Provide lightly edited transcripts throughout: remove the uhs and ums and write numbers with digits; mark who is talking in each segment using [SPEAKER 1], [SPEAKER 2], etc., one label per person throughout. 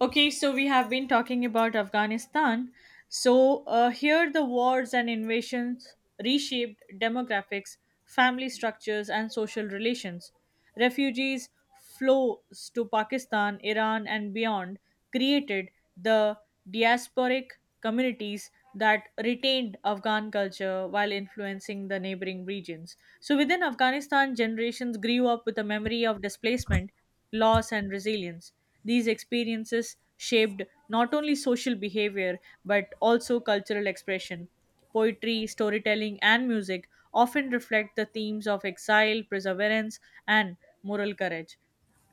[SPEAKER 1] Okay, so we have been talking about Afghanistan. So here, the wars and invasions reshaped demographics, family structures, and social relations. Refugees flows to Pakistan, Iran, and beyond created the diasporic communities that retained Afghan culture while influencing the neighboring regions. So within Afghanistan, generations grew up with a memory of displacement loss, and resilience. These experiences shaped not only social behavior but also cultural expression. Poetry, storytelling, and music often reflect the themes of exile, perseverance, and moral courage.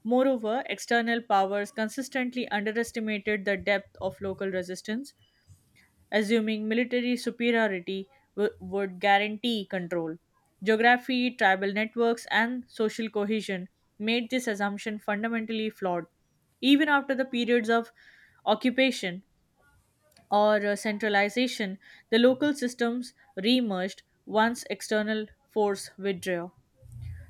[SPEAKER 1] Moreover, external powers consistently underestimated the depth of local resistance, assuming military superiority would guarantee control. Geography, tribal networks, and social cohesion made this assumption fundamentally flawed. Even after the periods of occupation or centralization, the local systems reemerged once external force withdrew.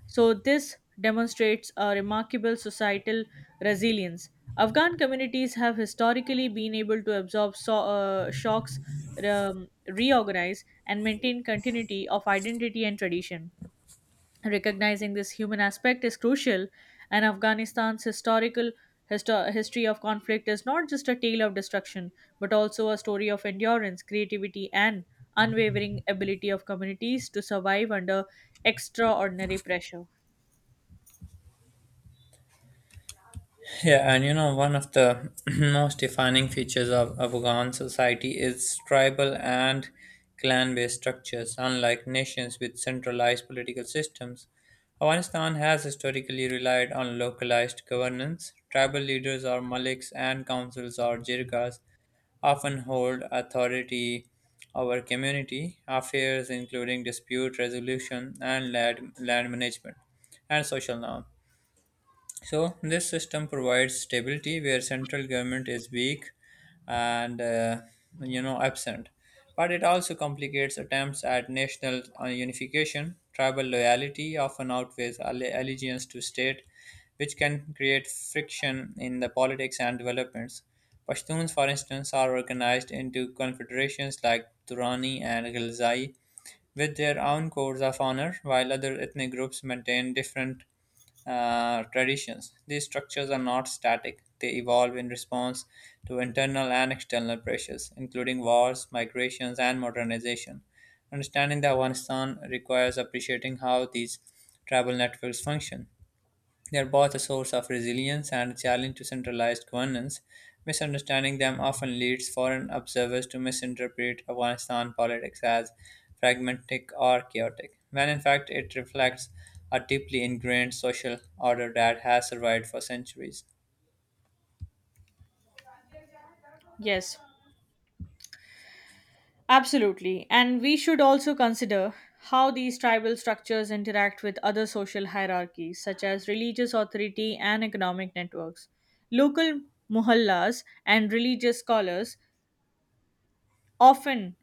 [SPEAKER 1] So, this demonstrates a remarkable societal resilience. Afghan communities have historically been able to absorb shocks, reorganize, and maintain continuity of identity and tradition. Recognizing this human aspect is crucial, and Afghanistan's history of conflict is not just a tale of destruction, but also a story of endurance, creativity, and unwavering ability of communities to survive under extraordinary pressure.
[SPEAKER 2] Yeah, and you know, one of the most defining features of Afghan society is tribal and clan based structures. Unlike nations with centralized political systems, Afghanistan has historically relied on localized governance. Tribal leaders or maliks and councils or jirgas often hold authority over community affairs, including dispute resolution and land management and social norms. So this system provides stability where central government is weak and you know absent, but it also complicates attempts at national unification. Tribal loyalty often outweighs allegiance to state, which can create friction in the politics and developments. Pashtuns, for instance, are organized into confederations like Durrani and Ghilzai, with their own codes of honor, while other ethnic groups maintain different traditions. These structures are not static, they evolve in response to internal and external pressures, including wars, migrations, and modernization. Understanding the Afghanistan requires appreciating how these tribal networks function. They are both a source of resilience and a challenge to centralized governance. Misunderstanding them often leads foreign observers to misinterpret Afghanistan politics as fragmentic or chaotic, when in fact it reflects a deeply ingrained social order that has survived for centuries.
[SPEAKER 1] Yes, absolutely. And we should also consider how these tribal structures interact with other social hierarchies, such as religious authority and economic networks. Local muhallas and religious scholars often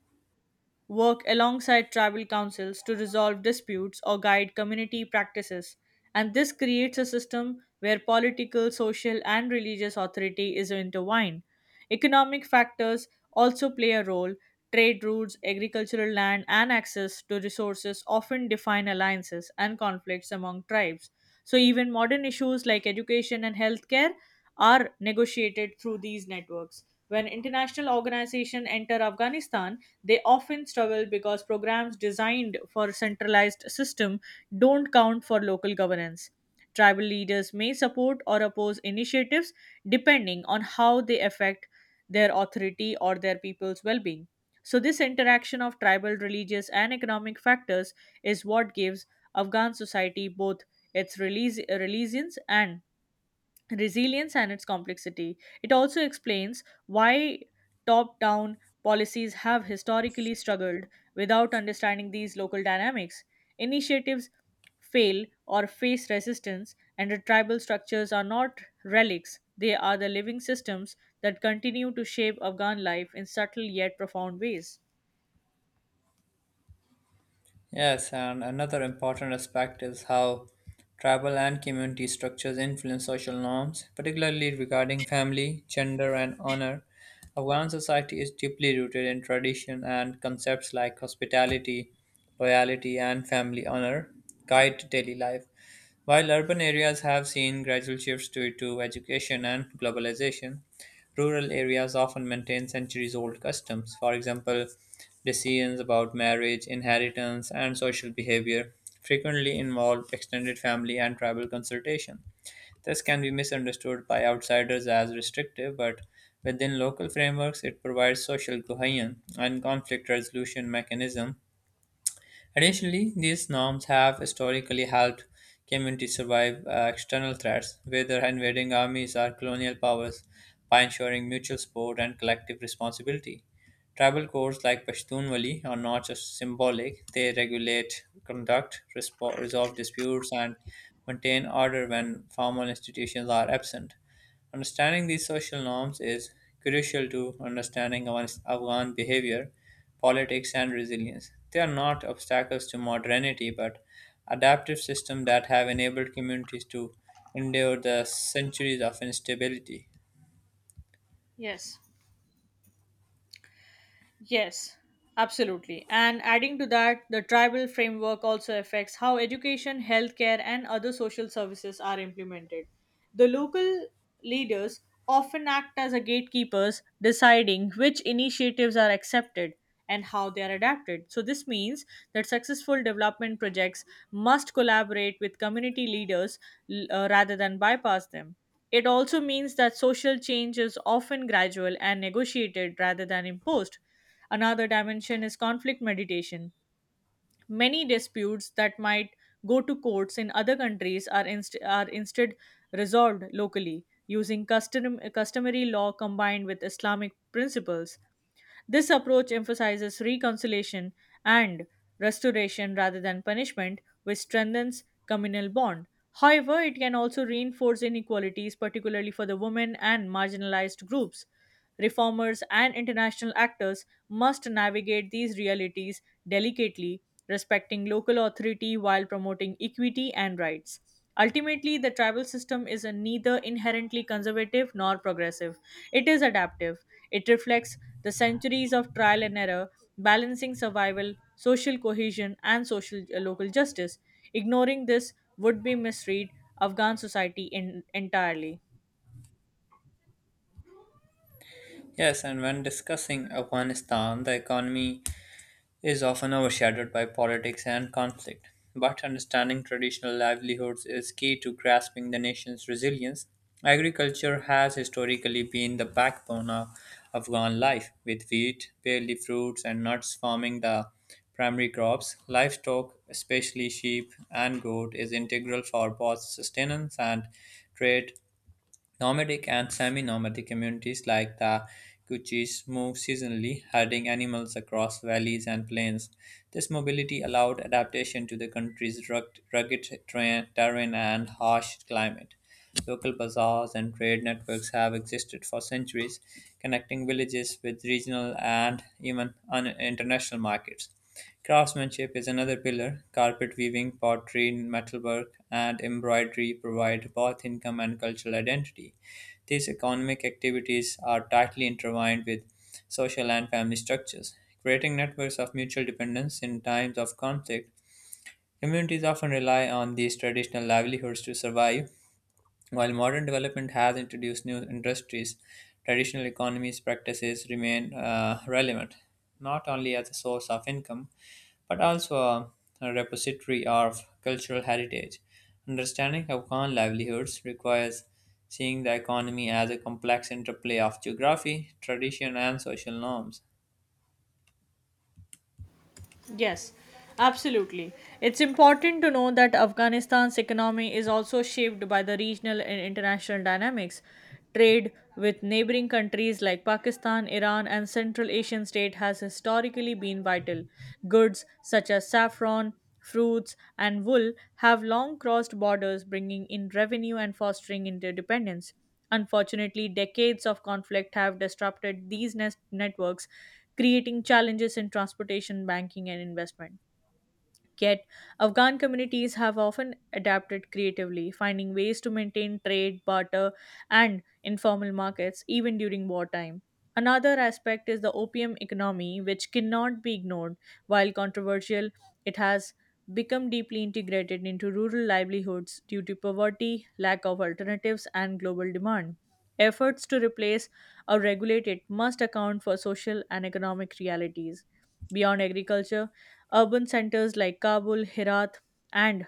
[SPEAKER 1] work alongside tribal councils to resolve disputes or guide community practices, and this creates a system where political, social, and religious authority is intertwined. Economic factors also play a role. Trade routes, agricultural land, and access to resources often define alliances and conflicts among tribes. So, even modern issues like education and healthcare are negotiated through these networks. When international organizations enter Afghanistan, they often struggle because programs designed for a centralized system don't count for local governance. Tribal leaders may support or oppose initiatives depending on how they affect their authority or their people's well being. So, this interaction of tribal, religious, and economic factors is what gives Afghan society both its release, resilience and resilience and its complexity. It also explains why top down policies have historically struggled without understanding these local dynamics. Initiatives fail or face resistance, and the tribal structures are not relics, they are the living systems that continue to shape Afghan life in subtle yet profound ways.
[SPEAKER 2] Yes, and another important aspect is how tribal and community structures influence social norms, particularly regarding family, gender, and honor. Afghan society is deeply rooted in tradition, and concepts like hospitality, loyalty, and family honor guide daily life. While urban areas have seen gradual shifts due to education and globalization, rural areas often maintain centuries old customs. For example, decisions about marriage, inheritance, and social behavior frequently involve extended family and tribal consultation. This can be misunderstood by outsiders as restrictive, but within local frameworks, it provides social cohesion and conflict resolution mechanism. Additionally, these norms have historically helped communities survive external threats, whether invading armies or colonial powers, by ensuring mutual support and collective responsibility. Tribal codes like Pashtun Wali are not just symbolic, they regulate conduct, resolve disputes, and maintain order when formal institutions are absent. Understanding these social norms is crucial to understanding Afghan behavior, politics, and resilience. They are not obstacles to modernity, but adaptive systems that have enabled communities to endure the centuries of instability.
[SPEAKER 1] Yes. Yes, absolutely. And adding to that, the tribal framework also affects how education, healthcare, and other social services are implemented. The local leaders often act as a gatekeepers, deciding which initiatives are accepted and how they are adapted. So, this means that successful development projects must collaborate with community leaders rather than bypass them. It also means that social change is often gradual and negotiated rather than imposed. Another dimension is conflict mediation. Many disputes that might go to courts in other countries are instead resolved locally using customary law combined with Islamic principles. This approach emphasizes reconciliation and restoration rather than punishment, which strengthens communal bond. However, it can also reinforce inequalities, particularly for the women and marginalized groups. Reformers and international actors must navigate these realities delicately, respecting local authority while promoting equity and rights. Ultimately, the tribal system is neither inherently conservative nor progressive. It is adaptive. It reflects the centuries of trial and error, balancing survival, social cohesion, and social local justice. Ignoring this would be misread Afghan society in, entirely.
[SPEAKER 2] Yes, and when discussing Afghanistan, the economy is often overshadowed by politics and conflict. But understanding traditional livelihoods is key to grasping the nation's resilience. Agriculture has historically been the backbone of Afghan life, with wheat, barley fruits, and nuts forming the primary crops. Livestock, especially sheep and goat, is integral for both sustenance and trade. Nomadic and semi-nomadic communities like the Kutchis moved seasonally, herding animals across valleys and plains. This mobility allowed adaptation to the country's rugged terrain and harsh climate. Local bazaars and trade networks have existed for centuries, connecting villages with regional and even international markets. Craftsmanship is another pillar; carpet weaving, pottery, metalwork, and embroidery provide both income and cultural identity. These economic activities are tightly intertwined with social and family structures, creating networks of mutual dependence in times of conflict. Communities often rely on these traditional livelihoods to survive. While modern development has introduced new industries, traditional economies practices remain relevant, not only as a source of income, but also a repository of cultural heritage. Understanding Afghan livelihoods requires seeing the economy as a complex interplay of geography, tradition, and social norms.
[SPEAKER 1] Yes, absolutely. It's important to know that Afghanistan's economy is also shaped by the regional and international dynamics. Trade with neighboring countries like Pakistan, Iran, and Central Asian state has historically been vital. Goods such as saffron, fruits, and wool have long crossed borders, bringing in revenue and fostering interdependence. Unfortunately, decades of conflict have disrupted these networks, creating challenges in transportation, banking, and investment. Yet, Afghan communities have often adapted creatively, finding ways to maintain trade, barter, and informal markets even during wartime. Another aspect is the opium economy, which cannot be ignored. While controversial, it has become deeply integrated into rural livelihoods due to poverty, lack of alternatives, and global demand. Efforts to replace or regulate it must account for social and economic realities. Beyond agriculture, urban centers like Kabul, Herat, and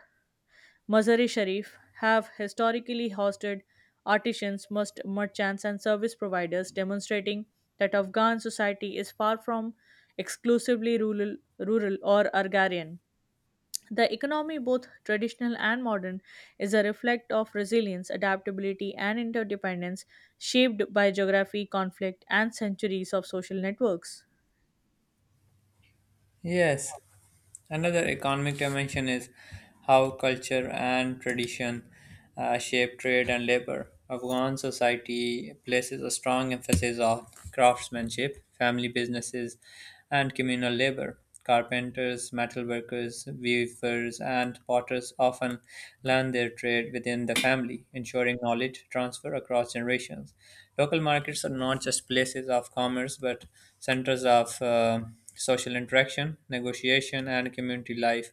[SPEAKER 1] Mazar-e Sharif have historically hosted artisans, merchants, and service providers, demonstrating that Afghan society is far from exclusively rural or agrarian. The economy, both traditional and modern, is a reflect of resilience, adaptability, and interdependence shaped by geography, conflict, and centuries of social networks.
[SPEAKER 2] Yes, another economic dimension is how culture and tradition shape trade and labor. Afghan society places a strong emphasis on craftsmanship, family businesses, and communal labor. Carpenters, metalworkers, weavers, and potters often learn their trade within the family, ensuring knowledge transfer across generations. Local markets are not just places of commerce but centers of social interaction, negotiation, and community life.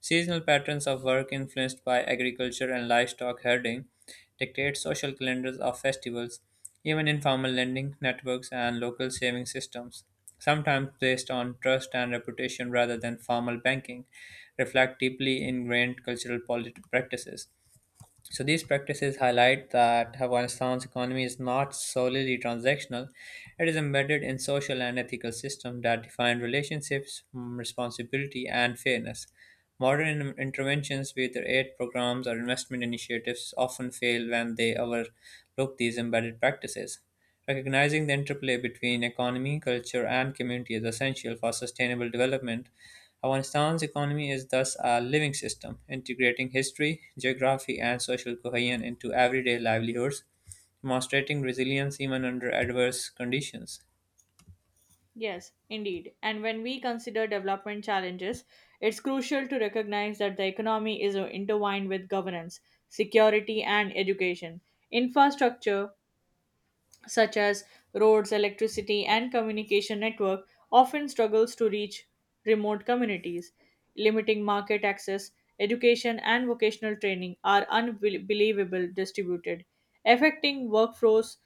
[SPEAKER 2] Seasonal patterns of work influenced by agriculture and livestock herding dictate social calendars of festivals. Even informal lending networks and local saving systems, sometimes based on trust and reputation rather than formal banking, reflect deeply ingrained cultural practices. So these practices highlight that Afghanistan's economy is not solely transactional. It is embedded in social and ethical systems that define relationships, responsibility, and fairness. Modern interventions with aid programs or investment initiatives often fail when they overlook these embedded practices. Recognizing the interplay between economy, culture, and community is essential for sustainable development. Afghanistan's economy is thus a living system, integrating history, geography, and social cohesion into everyday livelihoods, demonstrating resilience even under adverse conditions.
[SPEAKER 1] Yes, indeed. And when we consider development challenges, it's crucial to recognize that the economy is intertwined with governance, security, and education. Infrastructure such as roads, electricity, and communication network often struggles to reach remote communities. Limiting market access, education, and vocational training are unbelievable distributed, affecting workforce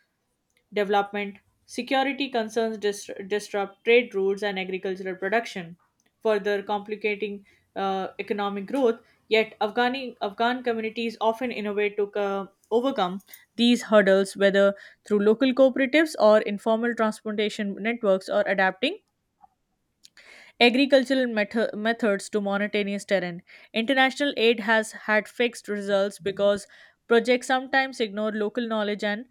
[SPEAKER 1] development, security concerns disrupt trade routes and agricultural production, further complicating economic growth. Yet, Afghan communities often innovate to overcome these hurdles, whether through local cooperatives or informal transportation networks, or adapting agricultural methods to monotonous terrain. International aid has had fixed results because projects sometimes ignore local knowledge and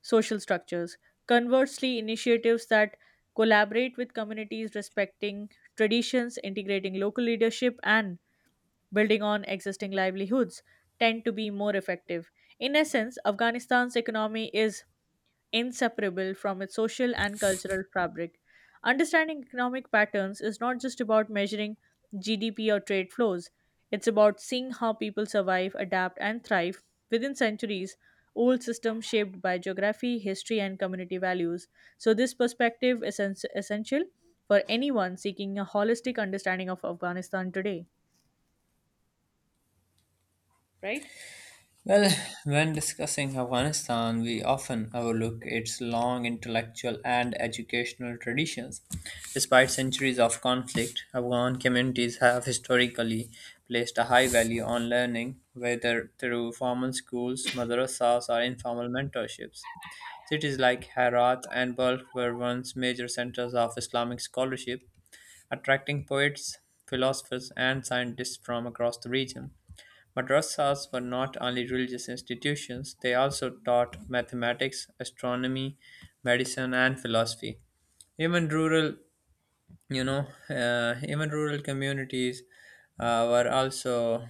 [SPEAKER 1] social structures. Conversely, initiatives that collaborate with communities respecting traditions, integrating local leadership, and building on existing livelihoods tend to be more effective. In essence, Afghanistan's economy is inseparable from its social and cultural fabric. Understanding economic patterns is not just about measuring GDP or trade flows, it's about seeing how people survive, adapt, and thrive within centuries old systems shaped by geography, history, and community values. So, this perspective is essential for anyone seeking a holistic understanding of Afghanistan today, right?
[SPEAKER 2] Well, when discussing Afghanistan, we often overlook its long intellectual and educational traditions. Despite centuries of conflict, Afghan communities have historically placed a high value on learning, whether through formal schools, madrasas, or informal mentorships. Cities like Herat and Balkh were once major centers of Islamic scholarship, attracting poets, philosophers, and scientists from across the region. Madrasas were not only religious institutions, they also taught mathematics, astronomy, medicine, and philosophy. Even rural, Even rural communities were also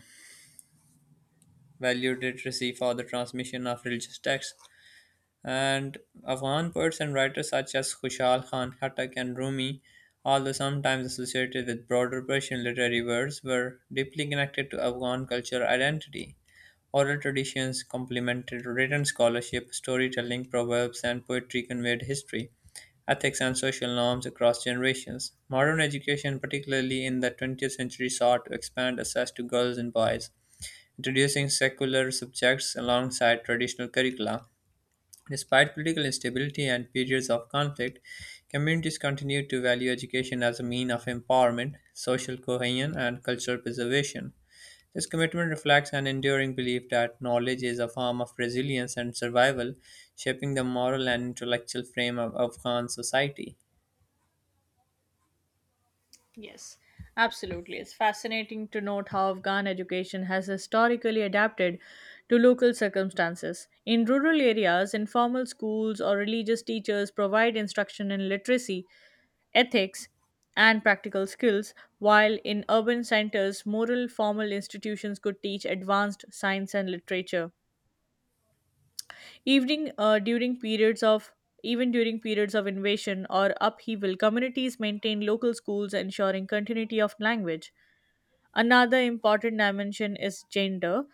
[SPEAKER 2] valued literacy for the transmission of religious texts. And Afghan poets and writers such as Khushal Khan Khatak and Rumi, although sometimes associated with broader Persian literary works, were deeply connected to Afghan cultural identity. Oral traditions complemented written scholarship, storytelling, proverbs, and poetry conveyed history, ethics, and social norms across generations. Modern education, particularly in the 20th century, sought to expand access to girls and boys, introducing secular subjects alongside traditional curricula. Despite political instability and periods of conflict, communities continue to value education as a means of empowerment, social cohesion, and cultural preservation. This commitment reflects an enduring belief that knowledge is a form of resilience and survival, shaping the moral and intellectual frame of Afghan society.
[SPEAKER 1] Yes, absolutely. It's fascinating to note how Afghan education has historically adapted to local circumstances. In rural areas, informal schools or religious teachers provide instruction in literacy, ethics, and practical skills, while in urban centers, moral formal institutions could teach advanced science and literature. Evening, uh, during periods of Even during periods of invasion or upheaval, communities maintained local schools, ensuring continuity of language. Another important dimension is gender.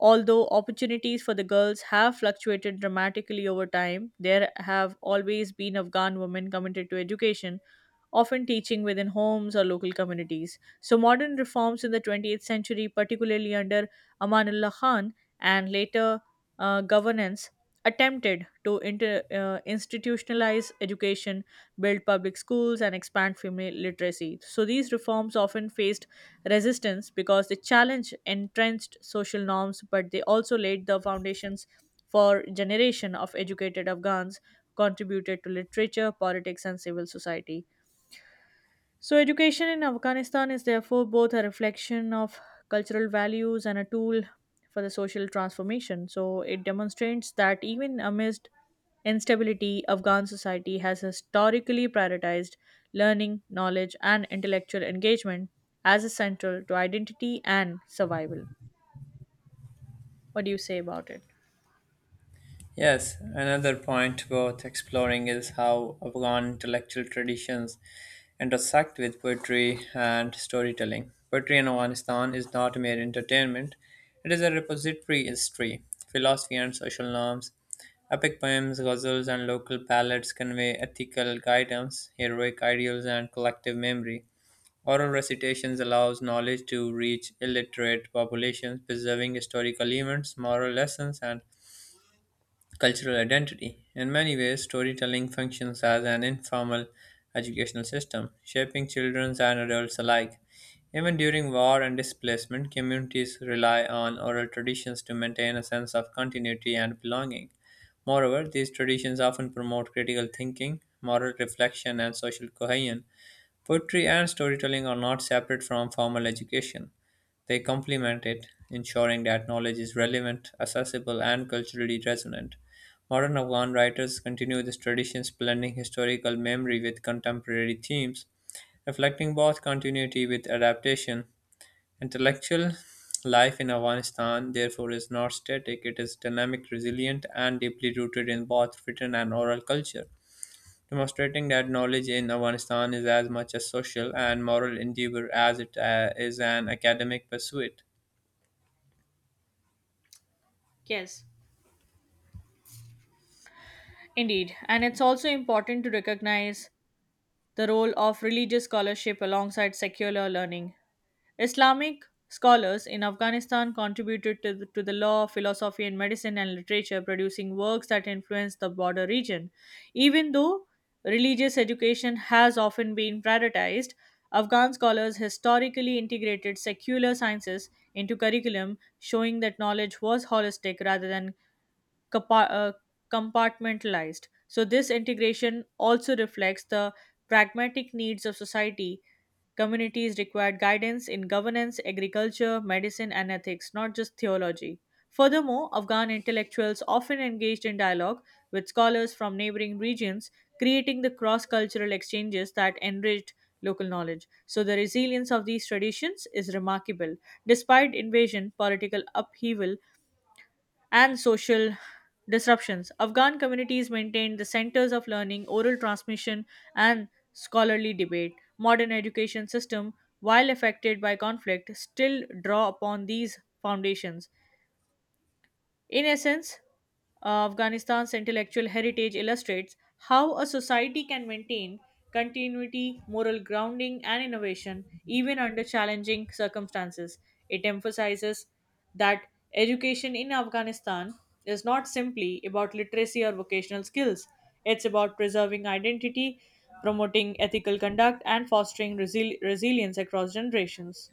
[SPEAKER 1] Although opportunities for the girls have fluctuated dramatically over time, there have always been Afghan women committed to education, often teaching within homes or local communities. So, modern reforms in the 20th century, particularly under Amanullah Khan and later governance, attempted to institutionalize education, build public schools, and expand female literacy. So, these reforms often faced resistance because they challenged entrenched social norms, but they also laid the foundations for generation of educated Afghans contributed to literature, politics, and civil society. So, education in Afghanistan is therefore both a reflection of cultural values and a tool for the social transformation. So, it demonstrates that even amidst instability, Afghan society has historically prioritized learning, knowledge, and intellectual engagement as essential to identity and survival. What do you say about it?
[SPEAKER 2] Yes, another point worth exploring is how Afghan intellectual traditions intersect with poetry and storytelling. Poetry in Afghanistan is not mere entertainment, it is a repository history, philosophy, and social norms. Epic poems, ghazals, and local ballads convey ethical guidance, heroic ideals, and collective memory. Oral recitations allows knowledge to reach illiterate populations, preserving historical events, moral lessons, and cultural identity. In many ways, storytelling functions as an informal educational system, shaping children and adults alike. Even during war and displacement, communities rely on oral traditions to maintain a sense of continuity and belonging. Moreover, these traditions often promote critical thinking, moral reflection, and social cohesion. Poetry and storytelling are not separate from formal education. They complement it, ensuring that knowledge is relevant, accessible, and culturally resonant. Modern Afghan writers continue these traditions, blending historical memory with contemporary themes, reflecting both continuity with adaptation. Intellectual life in Afghanistan, therefore, is not static, it is dynamic, resilient, and deeply rooted in both written and oral culture, demonstrating that knowledge in Afghanistan is as much a social and moral endeavor as it is an academic pursuit.
[SPEAKER 1] Yes, indeed. And it's also important to recognize the role of religious scholarship alongside secular learning. Islamic scholars in Afghanistan contributed to to the law, philosophy, and medicine and literature, producing works that influenced the border region. Even though religious education has often been prioritized, Afghan scholars historically integrated secular sciences into curriculum, showing that knowledge was holistic rather than compa- uh, compartmentalized. So, this integration also reflects the pragmatic needs of society. Communities required guidance in governance, agriculture, medicine, and ethics, not just theology. Furthermore, Afghan intellectuals often engaged in dialogue with scholars from neighboring regions, creating the cross cultural exchanges that enriched local knowledge. So, the resilience of these traditions is remarkable. Despite invasion, political upheaval, and social disruptions, Afghan communities maintained the centers of learning, oral transmission, and scholarly debate. Modern education system, while affected by conflict, still draw upon these foundations. In essence, Afghanistan's intellectual heritage illustrates how a society can maintain continuity, moral grounding, and innovation even under challenging circumstances. It emphasizes that education in Afghanistan is not simply about literacy or vocational skills, it's about preserving identity, promoting ethical conduct, and fostering resilience across generations.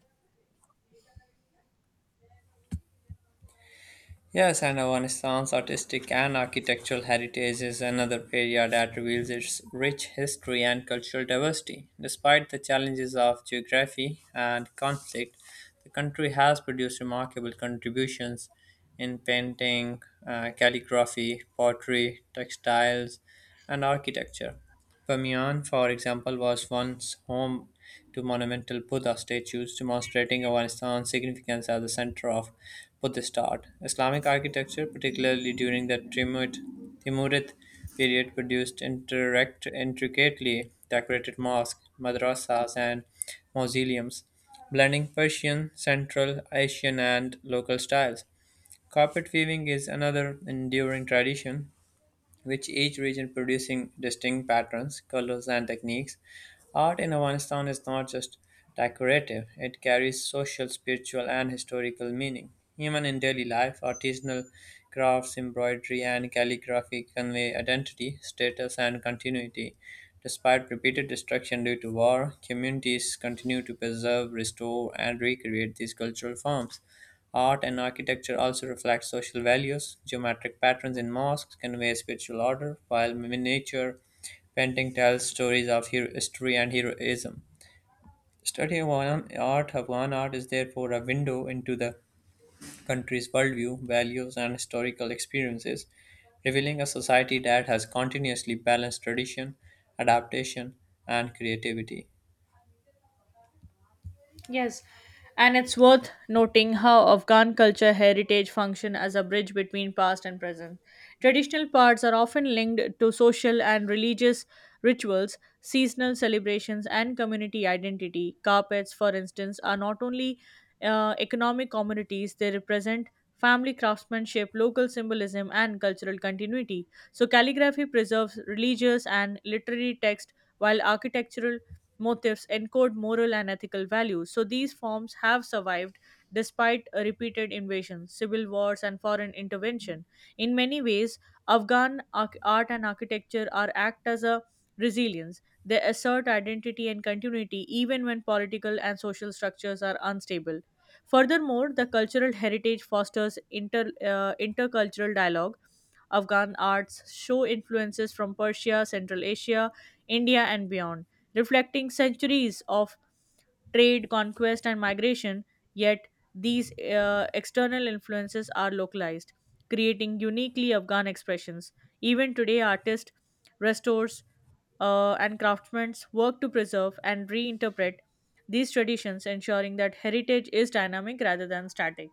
[SPEAKER 2] Yes, and Afghanistan's artistic and architectural heritage is another area that reveals its rich history and cultural diversity. Despite the challenges of geography and conflict, the country has produced remarkable contributions in painting, calligraphy, pottery, textiles, and architecture. Bamiyan, for example, was once home to monumental Buddha statues, demonstrating Afghanistan's significance as the center of Buddhist art. Islamic architecture, particularly during the Timurid period, produced intricately decorated mosques, madrasas, and mausoleums, blending Persian, Central Asian, and local styles. Carpet weaving is another enduring tradition, with each region producing distinct patterns, colors, and techniques. Art in Afghanistan is not just decorative, it carries social, spiritual, and historical meaning. Even in daily life, artisanal crafts, embroidery, and calligraphy convey identity, status, and continuity. Despite repeated destruction due to war, communities continue to preserve, restore, and recreate these cultural forms. Art and architecture also reflect social values. Geometric patterns in mosques convey spiritual order, while miniature painting tells stories of history and heroism. Studying Afghan art is therefore a window into the country's worldview, values, and historical experiences, revealing a society that has continuously balanced tradition, adaptation, and creativity.
[SPEAKER 1] Yes, and it's worth noting how Afghan culture heritage function as a bridge between past and present. Traditional parts are often linked to social and religious rituals, seasonal celebrations, and community identity. Carpets, for instance, are not only economic commodities; they represent family craftsmanship, local symbolism, and cultural continuity. So, calligraphy preserves religious and literary text, while architectural motifs encode moral and ethical values. So these forms have survived despite repeated invasions, civil wars, and foreign intervention. In many ways, art and architecture are act as a resilience. They assert identity and continuity even when political and social structures are unstable. Furthermore, the cultural heritage fosters intercultural dialogue. Afghan arts show influences from Persia, Central Asia, India, and beyond reflecting centuries of trade, conquest, and migration, yet these external influences are localized, creating uniquely Afghan expressions. Even today, artists, restorers, and craftsmen work to preserve and reinterpret these traditions, ensuring that heritage is dynamic rather than static.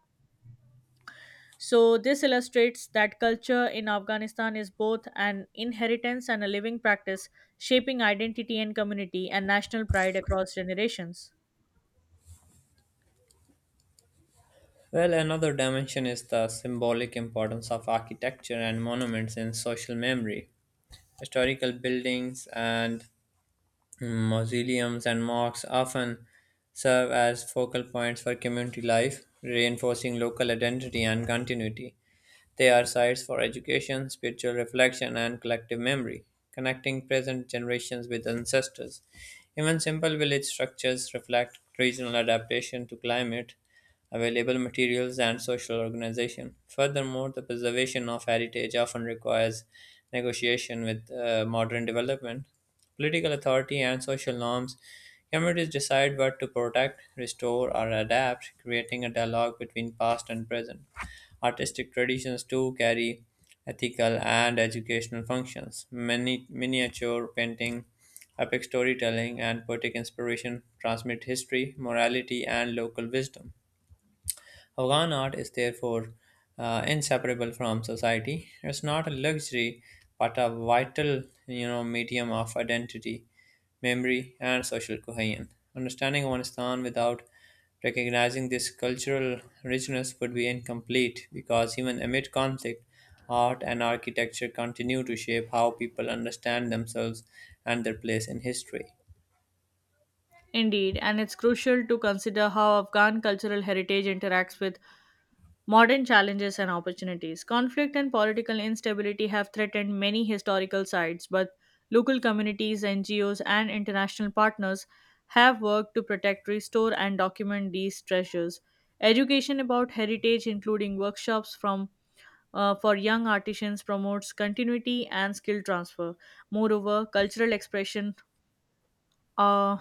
[SPEAKER 1] So, this illustrates that culture in Afghanistan is both an inheritance and a living practice, shaping identity and community and national pride across generations.
[SPEAKER 2] Well, another dimension is the symbolic importance of architecture and monuments in social memory. Historical buildings and mausoleums and mosques often serve as focal points for community life, reinforcing local identity and continuity. They are sites for education, spiritual reflection, and collective memory, connecting present generations with ancestors. Even simple village structures reflect regional adaptation to climate, available materials, and social organization. Furthermore, the preservation of heritage often requires negotiation with modern development, political authority, and social norms. Communities decide what to protect, restore, or adapt, creating a dialogue between past and present. Artistic traditions too carry ethical and educational functions. Many miniature painting, epic storytelling, and poetic inspiration transmit history, morality, and local wisdom. Afghan art is therefore inseparable from society. It's not a luxury, but a vital, you know, medium of identity, memory, and social cohesion. Understanding Afghanistan without recognizing this cultural richness would be incomplete because even amid conflict, art and architecture continue to shape how people understand themselves and their place in history.
[SPEAKER 1] Indeed, and it's crucial to consider how Afghan cultural heritage interacts with modern challenges and opportunities. Conflict and political instability have threatened many historical sites, but local communities, NGOs, and international partners have worked to protect, restore, and document these treasures. Education about heritage, including workshops from for young artisans, promotes continuity and skill transfer. Moreover, cultural expression uh,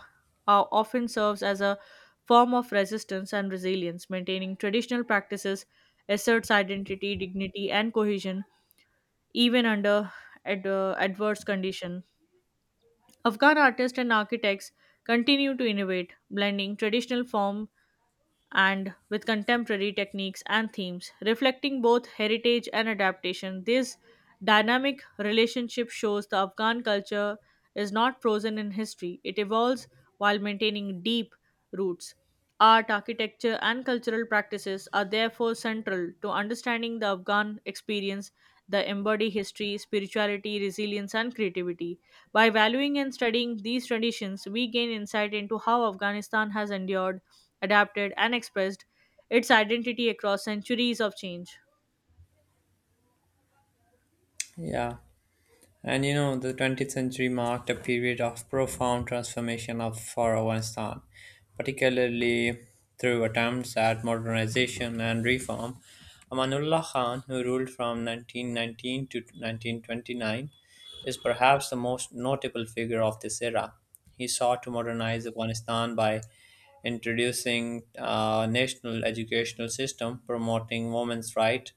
[SPEAKER 1] often serves as a form of resistance and resilience. Maintaining traditional practices asserts identity, dignity, and cohesion even under adverse conditions. Afghan artists and architects continue to innovate, blending traditional forms and with contemporary techniques and themes, reflecting both heritage and adaptation. This dynamic relationship shows the Afghan culture is not frozen in history, it evolves while maintaining deep roots. Art, architecture, and cultural practices are therefore central to understanding the Afghan experience that embody history, spirituality, resilience, and creativity. By valuing and studying these traditions, we gain insight into how Afghanistan has endured, adapted, and expressed its identity across centuries of change.
[SPEAKER 2] Yeah. And you know, the 20th century marked a period of profound transformation for Afghanistan, particularly through attempts at modernization and reform. Amanullah Khan, who ruled from 1919 to 1929, is perhaps the most notable figure of this era. He sought to modernize Afghanistan by introducing a national educational system, promoting women's rights,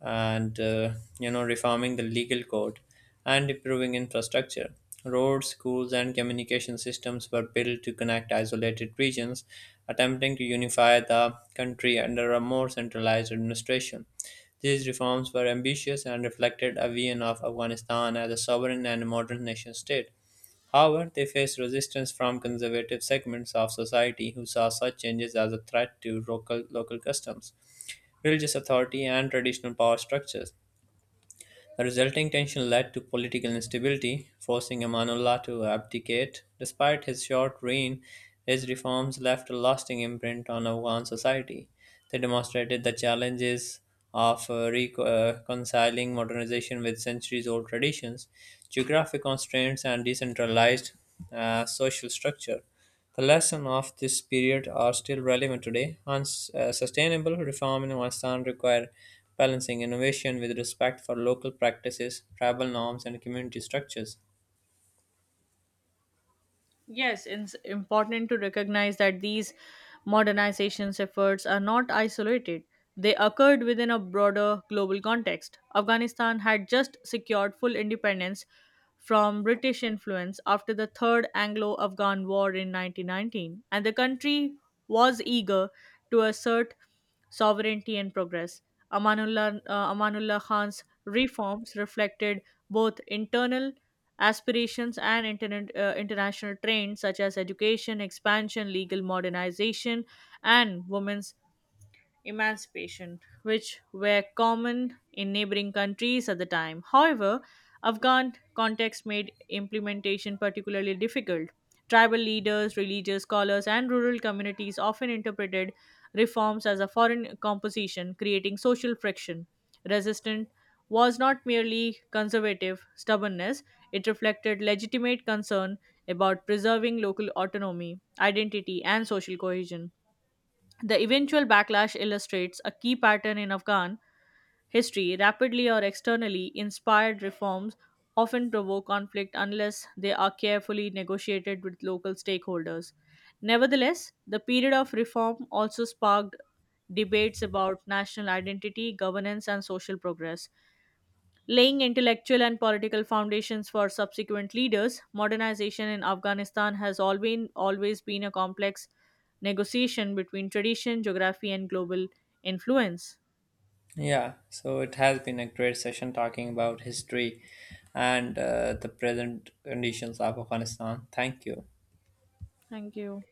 [SPEAKER 2] and you know reforming the legal code, and improving infrastructure. Roads, schools, and communication systems were built to connect isolated regions, attempting to unify the country under a more centralized administration. These reforms were ambitious and reflected a vision of Afghanistan as a sovereign and modern nation state. However, they faced resistance from conservative segments of society who saw such changes as a threat to local customs, religious authority, and traditional power structures. The resulting tension led to political instability, forcing Amanullah to abdicate. Despite his short reign, his reforms left a lasting imprint on Afghan society. They demonstrated the challenges of reconciling modernization with centuries old traditions, geographic constraints, and decentralized social structure. The lessons of this period are still relevant today. Sustainable reform in Afghanistan require balancing innovation with respect for local practices, tribal norms, and community structures.
[SPEAKER 1] Yes, it's important to recognize that these modernization efforts are not isolated. They occurred within a broader global context. Afghanistan had just secured full independence from British influence after the Third Anglo Afghan War in 1919, and the country was eager to assert sovereignty and progress. Amanullah Khan's reforms reflected both internal aspirations and international trends such as education, expansion, legal modernization, and women's emancipation, which were common in neighboring countries at the time. However, Afghan context made implementation particularly difficult. Tribal leaders, religious scholars, and rural communities often interpreted reforms as a foreign composition, creating social friction. Resistance was not merely conservative stubbornness, it reflected legitimate concern about preserving local autonomy, identity, and social cohesion. The eventual backlash illustrates a key pattern in Afghan history. Rapidly or externally inspired reforms often provoke conflict unless they are carefully negotiated with local stakeholders. Nevertheless, the period of reform also sparked debates about national identity, governance, and social progress laying intellectual and political foundations for subsequent leaders. Modernization in Afghanistan has always been a complex negotiation between tradition, geography, and global influence.
[SPEAKER 2] Yeah, so it has been a great session talking about history and the present conditions of Afghanistan. Thank you.
[SPEAKER 1] Thank you.